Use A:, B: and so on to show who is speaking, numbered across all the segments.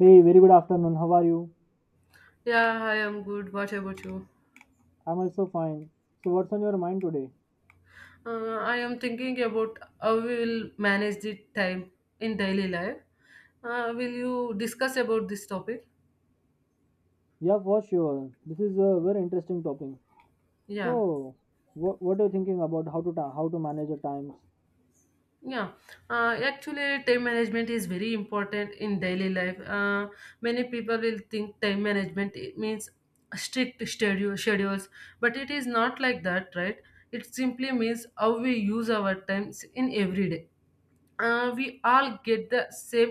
A: Hey, very good afternoon. How are you?
B: Yeah, I am good. What about you?
A: I'm also fine. So, what's on your mind today?
B: I am thinking about how we will manage the time in daily life. Will you discuss about this topic?
A: Yeah, for sure. This is a very interesting topic.
B: Yeah,
A: So, what are you thinking about how to manage your times?
B: yeah. Actually, time management is very important in daily life. Many people will think time management it means strict schedules, but it is not like that, right? It simply means how we use our times in every day. We all get the same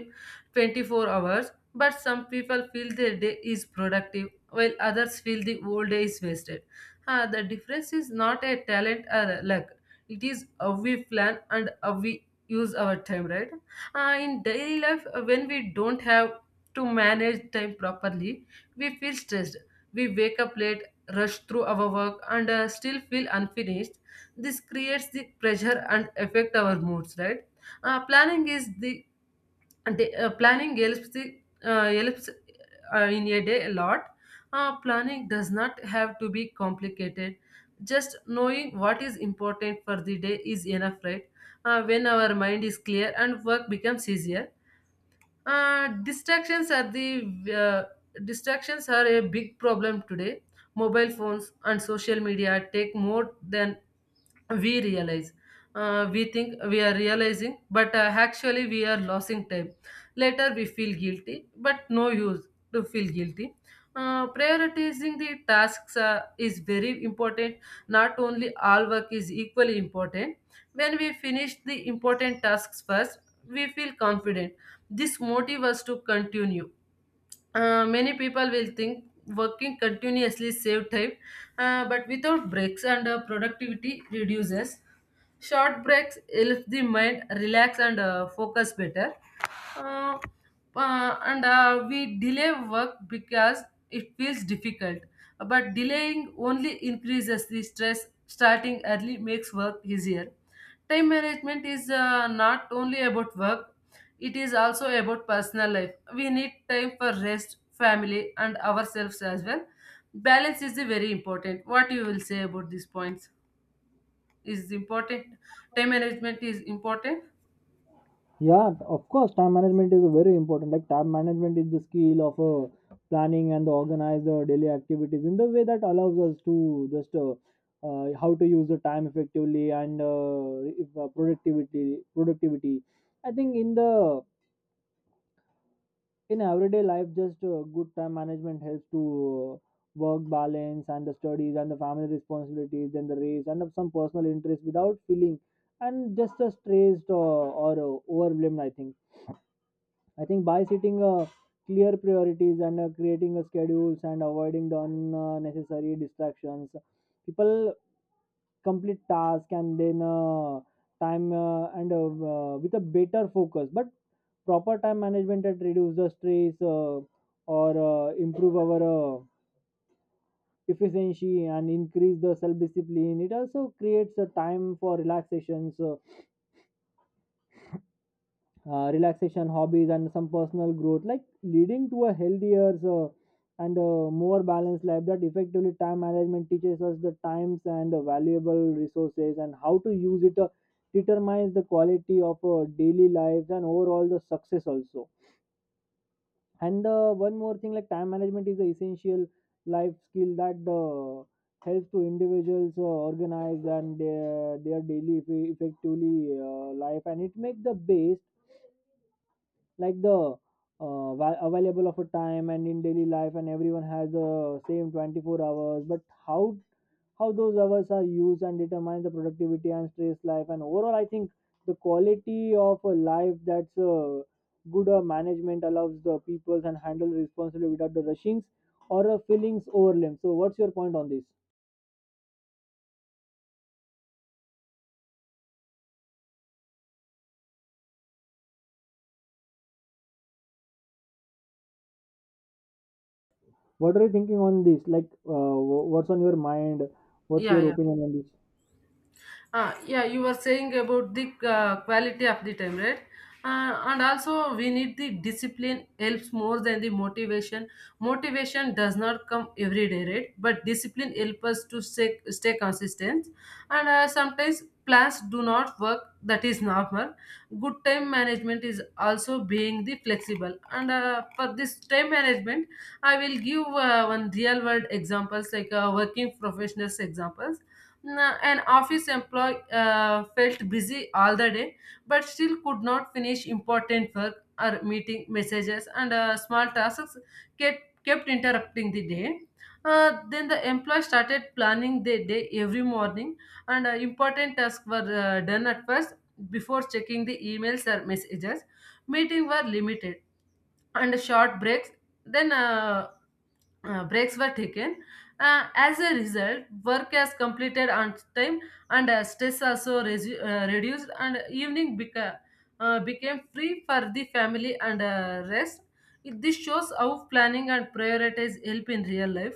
B: 24 hours, but some people feel their day is productive while others feel the whole day is wasted. The difference is not a talent or luck, it is how we plan and how we use our time, right? In daily life, when we don't have to manage time properly, we feel stressed, we wake up late, rush through our work and still feel unfinished. This creates the pressure and affect our moods, right? uh, planning is the Planning helps the helps in a day a lot. Planning does not have to be complicated. Just knowing what is important for the day is enough, right? When our mind is clear and work becomes easier, uh, distractions are the uh, distractions are a big problem today. Mobile phones and social media take more than we realize. We think we are realizing, but actually we are losing time. Later we feel guilty, but no use to feel guilty. Prioritizing the tasks is very important. Not only all work is equally important. When we finish the important tasks first, we feel confident. This motive us to continue. Many people will think working continuously save time, but without breaks and productivity reduces. Short breaks help the mind relax and focus better. Uh, and We delay work because it feels difficult. But delaying only increases the stress. Starting early makes work easier. Time management is not only about work, it is also about personal life. We need time for rest, family, and ourselves as well. Balance is the very important. What you will say about these points is important. Time management is important.
A: Yeah, of course, time management is very important. Like time management is the skill of planning and organize the daily activities in the way that allows us to just how to use the time effectively and if, productivity. I think in the in everyday life just good time management helps to work balance and the studies and the family responsibilities and the race and of some personal interest without feeling and just a stressed or, overwhelmed. I think by setting clear priorities and creating a schedules and avoiding the unnecessary distractions, people complete task and then time and with a better focus. But proper time management that reduce the stress or improve our efficiency and increase the self discipline. It also creates a time for relaxations. Relaxation hobbies and some personal growth like leading to a healthier and a more balanced life that effectively time management teaches us the times and the valuable resources and how to use it, determines the quality of our daily lives and overall the success also. And one more thing, like time management is the essential life skill that helps to individuals organize and their daily effectively life, and it makes the best, like the available of a time and in daily life, and everyone has the same 24 hours, but how how those hours are used and determines the productivity and stress life and overall. I think the quality of a life, that's good management allows the people and handle responsibility without the rushings or feelings overwhelmed. So what's your point on this? What are you thinking on this? Like what's on your mind? What's
B: Yeah,
A: your
B: yeah.
A: opinion on this?
B: Yeah, you were saying about the quality of the time, right? And also, we need the discipline helps more than the motivation. Motivation does not come every day, right? But discipline helps us to stay consistent. And sometimes plans do not work. That is normal. Good time management is also being the flexible. And for this time management, I will give one real world examples like working professionals examples. An office employee felt busy all the day, but still could not finish important work or meeting messages and small tasks kept interrupting the day. Then the employee started planning their day every morning, and important tasks were done at first before checking the emails or messages. Meetings were limited and short breaks. Then breaks were taken. As a result, work is completed on time and stress also reduced, and evening became free for the family and rest. This shows how planning and prioritize help in real life.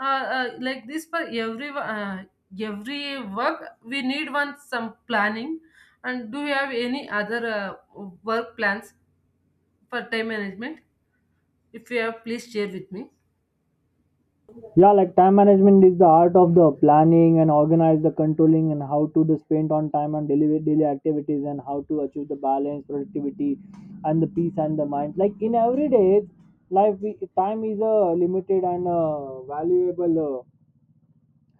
B: Uh, like this for every work, we need one some planning. And do you have any other work plans for time management? If you have, please share with me.
A: Yeah, like time management is the art of the planning and organize the controlling and how to the spend on time and daily activities and how to achieve the balance productivity and the peace and the mind, like in everyday life we, time is a limited and valuable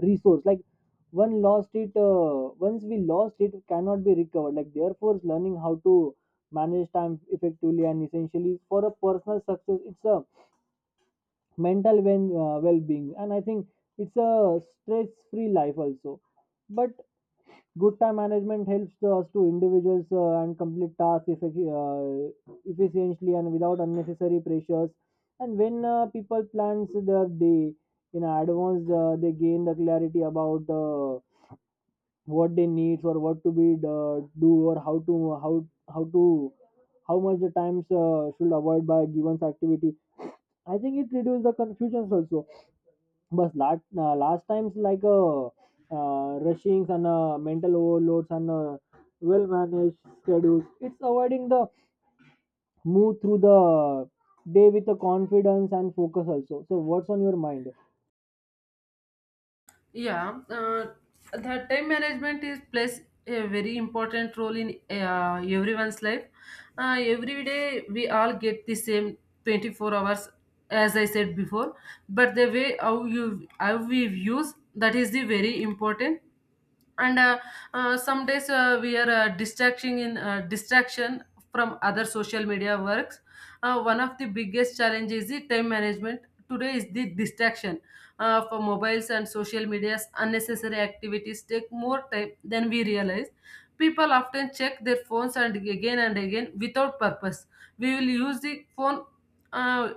A: resource, like one lost it once we lost it cannot be recovered, like therefore learning how to manage time effectively and essentially for a personal success. It's a mental well-being, and I think it's a stress-free life also. But good time management helps us to individuals and complete tasks efficiently and without unnecessary pressures. And when people plans their day in advance, they gain the clarity about what they needs or what to be do, or how to how much the times should avoid by given activity. I think it reduces the confusions also. But last times like rushings and mental overloads and well managed schedules, it's avoiding the move through the day with the confidence and focus also. So what's on your mind?
B: Yeah, uh, the time management is plays a very important role in everyone's life. Every day we all get the same 24 hours as I said before, but the way how we use that is the very important. And Some days we are distracting in distraction from other social media works. One of the biggest challenges is the time management today is the distraction for mobiles and social media's unnecessary activities take more time than we realize. People often check their phones and again without purpose. We will use the phone, uh,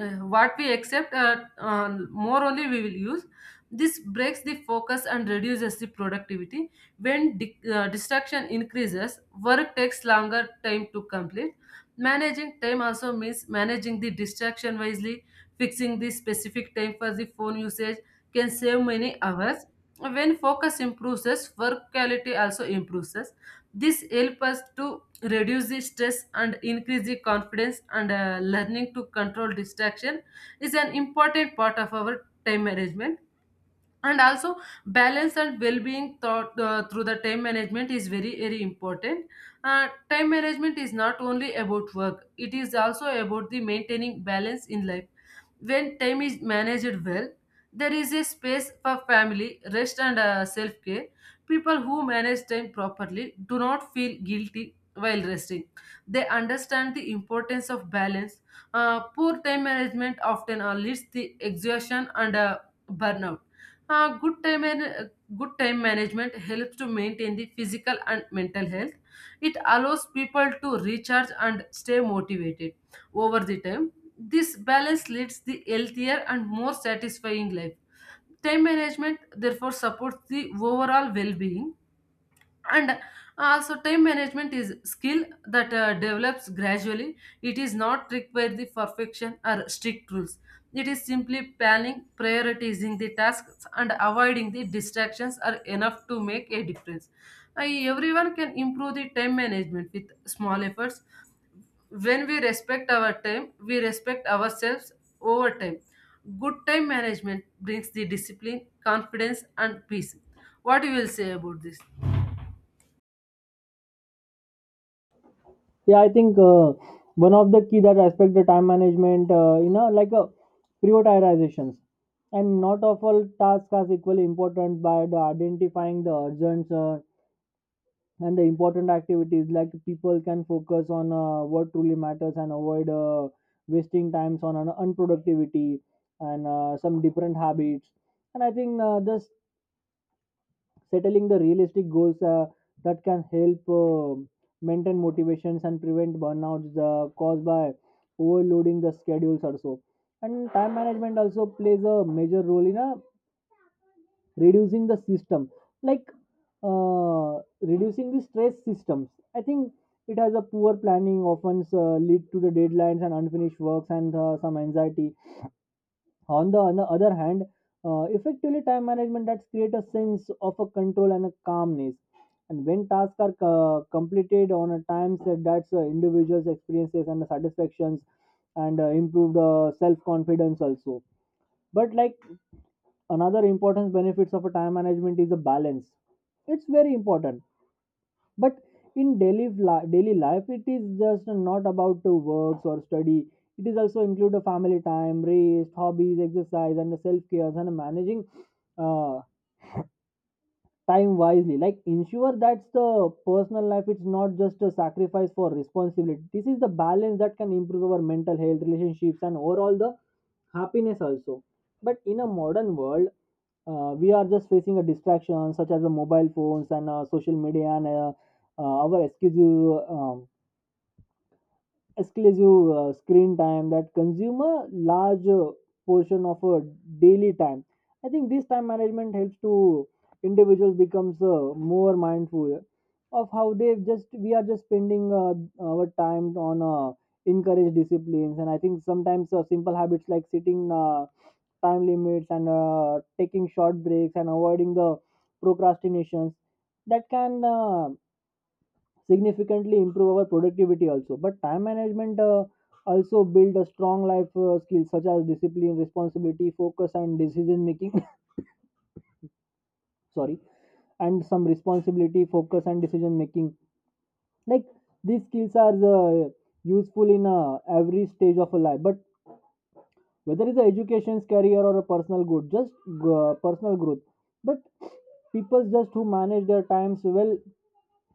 B: what we accept, more only we will use. This breaks the focus and reduces the productivity. When distraction increases, work takes longer time to complete. Managing time also means managing the distraction wisely, fixing the specific time for the phone usage can save many hours. When focus improves, work quality also improves. This helps us to reduce the stress and increase the confidence, and learning to control distraction is an important part of our time management. And also, balance and well-being thought through the time management is very very important. Time management is not only about work, it is also about the maintaining balance in life. When time is managed well, there is a space for family, rest and self-care. People who manage time properly do not feel guilty while resting. They understand the importance of balance. Poor time management often leads to exhaustion and burnout. uh, good time and uh, Good time management helps to maintain the physical and mental health. It allows people to recharge and stay motivated over the time. This balance leads the healthier and more satisfying life. Time management therefore supports the overall well-being. And also, time management is skill that develops gradually. It is not required the perfection or strict rules. It is simply planning, prioritizing the tasks and avoiding the distractions are enough to make a difference. I, everyone can improve the time management with small efforts. When we respect our time, we respect ourselves. Over time, good time management brings the discipline, confidence and peace. What you will say about this?
A: Yeah, I think one of the key that aspect the time management, prioritizations, and not of all tasks are equally important, by the identifying the urgent and the important activities, like people can focus on what truly matters and avoid wasting times on an unproductivity and some different habits. And I think just settling the realistic goals that can help maintain motivations and prevent burnouts caused by overloading the schedules also. And time management also plays a major role in reducing the system, like reducing the stress systems. I think it has a poor planning often lead to the deadlines and unfinished works and some anxiety. On the other hand, effectively time management that create a sense of a control and a calmness, and when tasks are completed on a time set, that's individuals experiences and the satisfactions and improved self confidence also. But like another important benefits of a time management is a balance. It's very important. But in daily life, it is just not about to works or study, it is also include a family time, rest, hobbies, exercise and self care, and managing uh, time wisely, like ensure that's the personal life, it's not just a sacrifice for responsibility. This is the balance that can improve our mental health, relationships and overall the happiness also. But in a modern world, we are just facing a distraction such as the mobile phones and social media and our excuse um, exclusive screen time that consume a large portion of a daily time. I think this time management helps to individuals becomes more mindful of how they just we are just spending our time on encourage disciplines. And I think sometimes simple habits like sitting time limits and taking short breaks and avoiding the procrastinations, that can significantly improve our productivity also. But time management also build a strong life skills such as discipline, responsibility, focus and decision making. Sorry. And some responsibility, focus and decision making, like these skills are useful in every stage of a life, but whether it's a education, career or a personal growth. But people just who manage their times well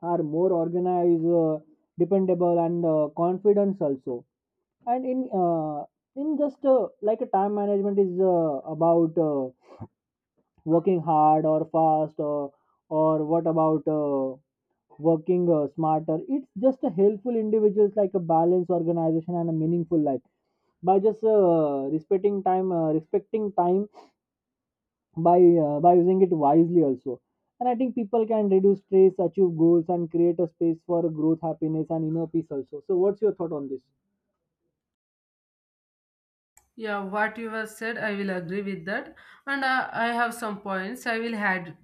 A: are more organized, dependable and confidence also. And in just like a time management is about working hard or fast, or what about working smarter. It's just a helpful individuals, like a balanced organization and a meaningful life, by just respecting time by by using it wisely also. And I think people can reduce stress, achieve goals and create a space for growth, happiness and inner peace also. So what's your thought on this?
B: Yeah, what you have said, I will agree with that. And I have some points I will add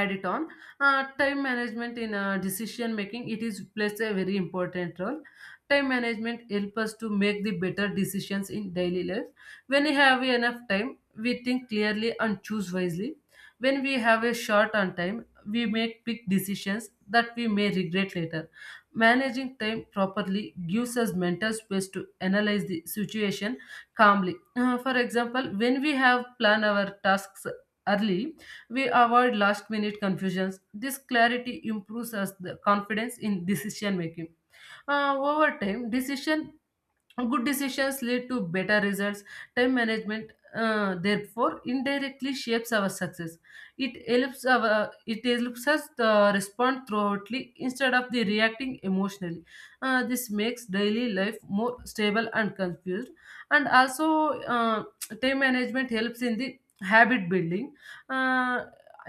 B: add it on. Time management in decision making it is plays a very important role. Time management help us to make the better decisions in daily life. When we have enough time, we think clearly and choose wisely. When we have a short on time, we make big decisions that we may regret later. Managing time properly gives us mental space to analyze the situation calmly. For example, when we have planned our tasks early, we avoid last minute confusions. This clarity improves us the confidence in decision making. Over time, decision good decisions lead to better results. Time management therefore indirectly shapes our success. It helps our, it helps us respond thoughtfully instead of the reacting emotionally. This makes daily life more stable and confused. And also, uh, time management helps in the habit building. uh,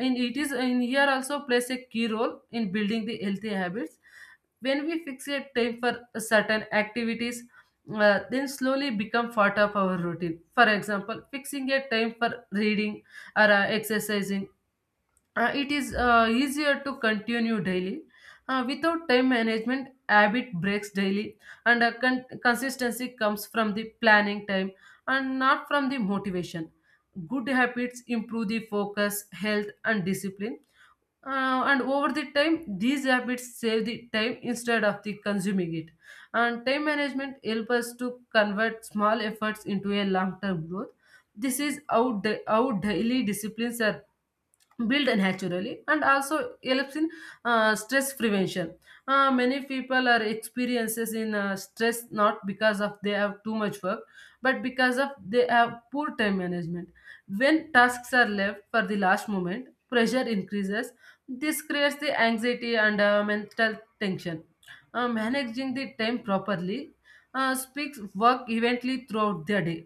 B: in it is in here also plays a key role in building the healthy habits. When we fixate time for certain activities, then slowly become part of our routine. For example, fixing a time for reading or exercising. It is easier to continue daily. Without time management, habit breaks daily, and consistency comes from the planning time and not from the motivation. Good habits improve the focus, health, and discipline, and over the time, these habits save the time instead of the consuming it. And time management helps us to convert small efforts into a long-term growth. This is how, how daily disciplines are build naturally. And also helps in stress prevention. Many people are experiences in stress not because of they have too much work, but because of they have poor time management. When tasks are left for the last moment, pressure increases. This creates the anxiety and mental tension. Managing the time properly speaks work evenly throughout the day.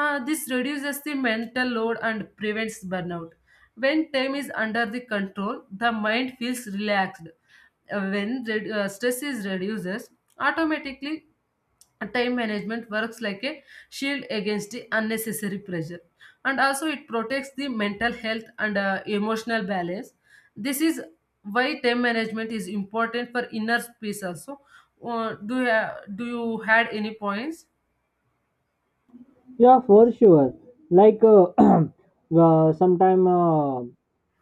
B: This reduces the mental load and prevents burnout. When time is under the control, the mind feels relaxed. When stress is reduces, automatically time management works like a shield against the unnecessary pressure. And also, it protects the mental health and emotional balance. This is why time management is important for inner peace also. Do you had any points?
A: Yeah, for sure. Like sometime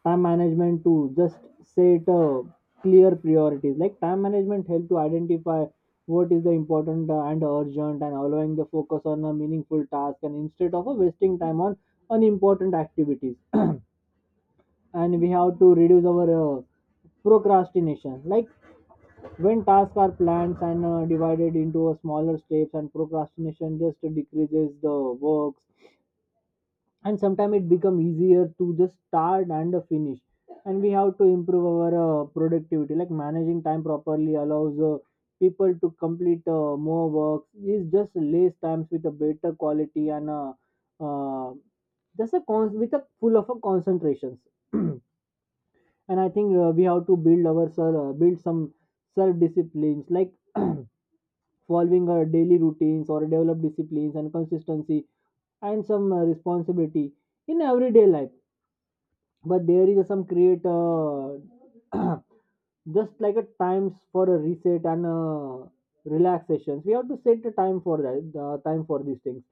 A: time management to just set clear priorities. Like time management help to identify what is the important and urgent, and allowing the focus on a meaningful task, and instead of wasting time on unimportant activities. And we have to reduce our procrastination. Like when tasks are planned and divided into a smaller steps, and procrastination just decreases the works, and sometimes it become easier to just start and finish. And we have to improve our productivity, like managing time properly allows people to complete more work is just less times with a better quality, and uh, with a full of a concentrations. And I think we have to build some self disciplines, like following our daily routines or develop disciplines and consistency and some responsibility in everyday life. But there is some create just like a times for a reset and relaxations. We have to set a time for that time for these things,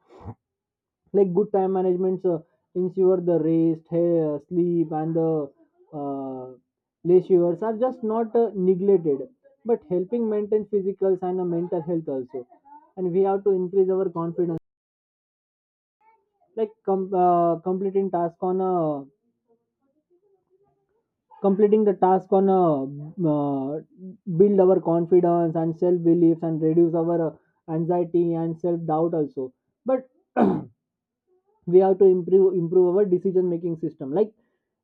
A: like good time management ensure the rest hair, sleep and the uh, leisures are just not neglected, but helping maintain physicals and mental health also. And we have to increase our confidence, like completing the task on a uh, build our confidence and self beliefs and reduce our anxiety and self doubt also. But we have to improve our decision making system, like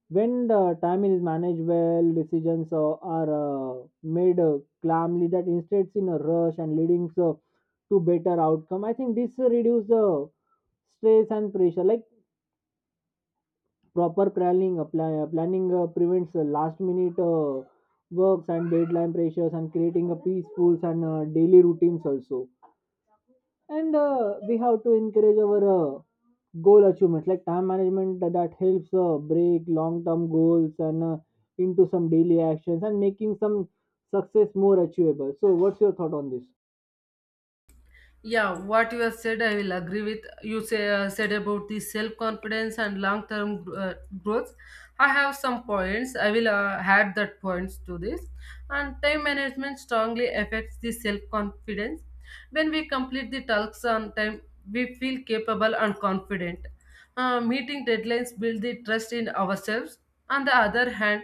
A: when the time is managed well, decisions are made calmly, that instead in a rush and leading so to better outcome. I think this reduce the stress and pressure, like proper planning planning prevents last minute works and deadline pressures, and creating a peaceful and daily routines also. And we have to encourage our goal achievements, like time management that helps break long term goals and into some daily actions, and making some success more achievable. So what's your thought on this?
B: Yeah, what you have said, I will agree with. You said about the self confidence and long term growth. I have some points. I will add that points to this. And time management strongly affects the self confidence. When we complete the tasks on time, we feel capable and confident. Meeting deadlines build the trust in ourselves. On the other hand,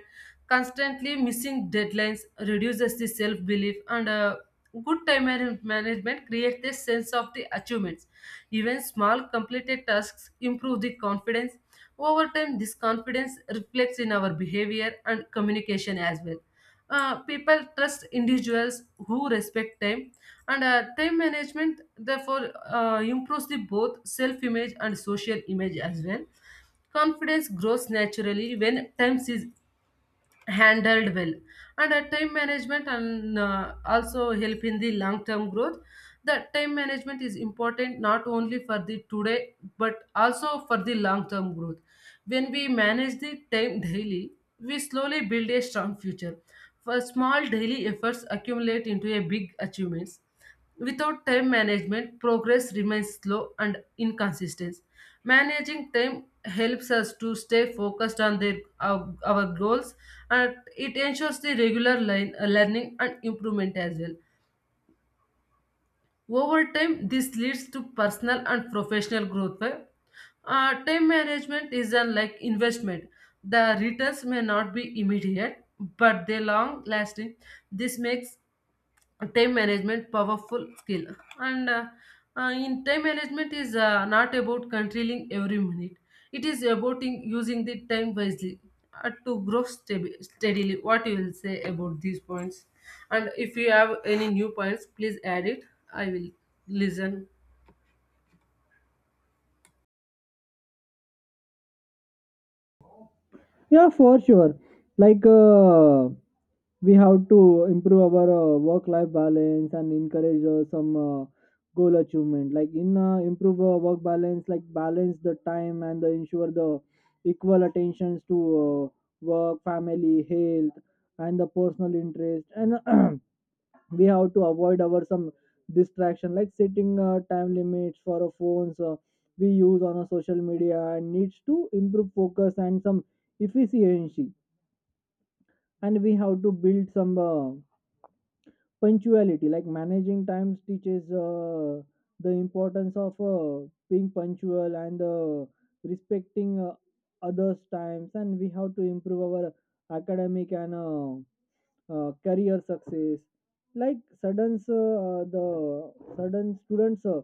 B: constantly missing deadlines reduces the self belief and Good time management creates a sense of the achievements. Even small completed tasks improve the confidence. Over time, this confidence reflects in our behavior and communication as well. People trust individuals who respect time, and time management therefore improves the both self-image and social image as well. Confidence grows naturally when time is handled well. And time management and also help in the long term growth. The time management is important not only for the today but also for the long term growth. When we manage the time daily, we slowly build a strong future. For small daily efforts accumulate into a big achievements. Without time management, progress remains slow and inconsistent. Managing time helps us to stay focused on our goals, and it ensures the regular learning and improvement as well. Over time, this leads to personal and professional growth, right? Time management is unlike investment. The returns may not be immediate, but they long lasting. This makes time management powerful skill. And in time management is not about controlling every minute, it is about in using the time wisely steadily. What you will say about these points? And if you have any new points, please add it. I will listen.
A: Yeah, for sure. Like we have to improve our work-life balance and encourage some goal achievement. Like in improve work balance, like balance the time and the ensure the equal attentions to work, family, health, and the personal interest. And we have to avoid our some distraction, like setting time limits for our phones we use on a social media, and needs to improve focus and some efficiency. And we have to build some punctuality, like managing times teaches the importance of being punctual and respecting others times. And we have to improve our academic and career success, like sudden the sudden students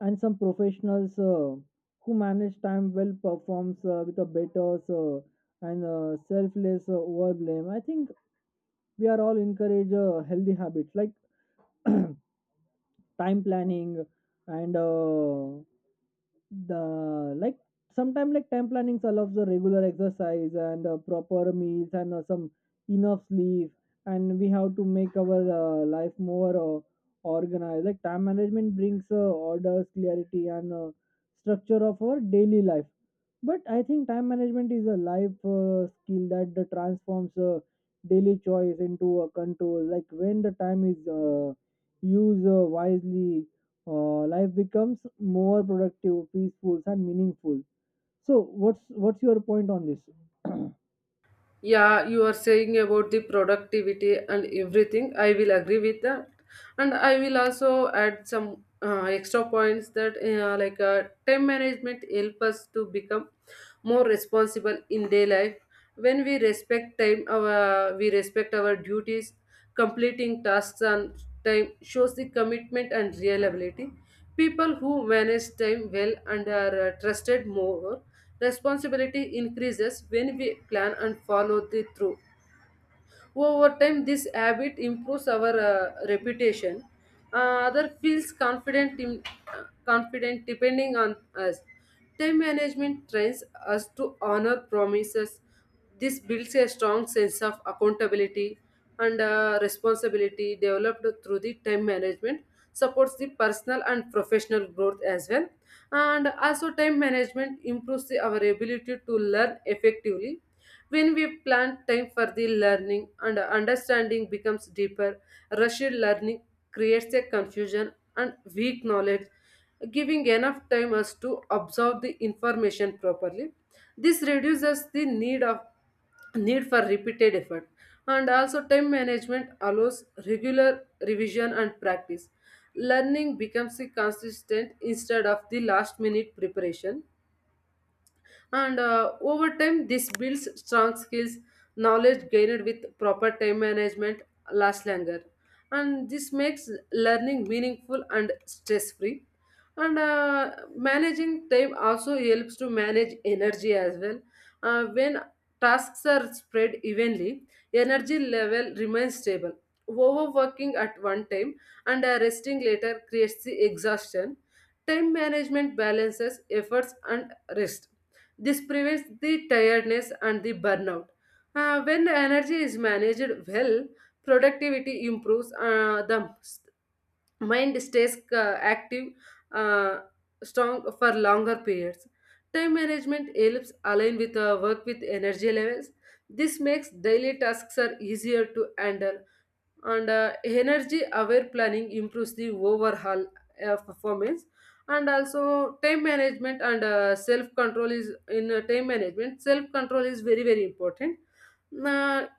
A: and some professionals who manage time well performs with a better and selfless over blame. I think we are all encourage healthy habits like time planning and the like sometimes like time planning allows the regular exercise and proper meals and some enough sleep. And we have to make our life more organized, like time management brings orders, clarity and structure of our daily life. But I think time management is a life skill that transforms daily choice into a control, like when the time is use wisely, life becomes more productive, peaceful, and meaningful. So, what's your point on this?
B: Yeah, you are saying about the productivity and everything. I will agree with that. And I will also add some extra points that time management help us to become more responsible in day life. When we respect time, our we respect our duties. Completing tasks on time shows the commitment and reliability. People who manage time well and are trusted more, responsibility increases when we plan and follow the through. Well, over time, this habit improves our reputation. Other feels confident, confident depending on us. Time management trains us to honor promises. This builds a strong sense of accountability. And responsibility developed through the time management supports the personal and professional growth as well. And also, time management improves our ability to learn effectively. When we plan time for the learning and understanding becomes deeper, rushed learning creates a confusion and weak knowledge. Giving enough time us to absorb the information properly. This reduces the need for repeated effort. And also, time management allows regular revision and practice. Learning becomes a consistent instead of the last minute preparation, and over time this builds strong skills. Knowledge gained with proper time management lasts longer, and this makes learning meaningful and stress free. And managing time also helps to manage energy as well. When tasks are spread evenly, energy level remains stable. Overworking at one time and resting later creates the exhaustion. Time management balances efforts and rest. This prevents the tiredness and the burnout. When the energy is managed well, productivity improves, the mind stays active, uh, strong for longer periods. Time management helps align with work with energy levels. This makes daily tasks are easier to handle, and energy aware planning improves the overall performance. And also, time management and self control is in time management self control is very very important. uh,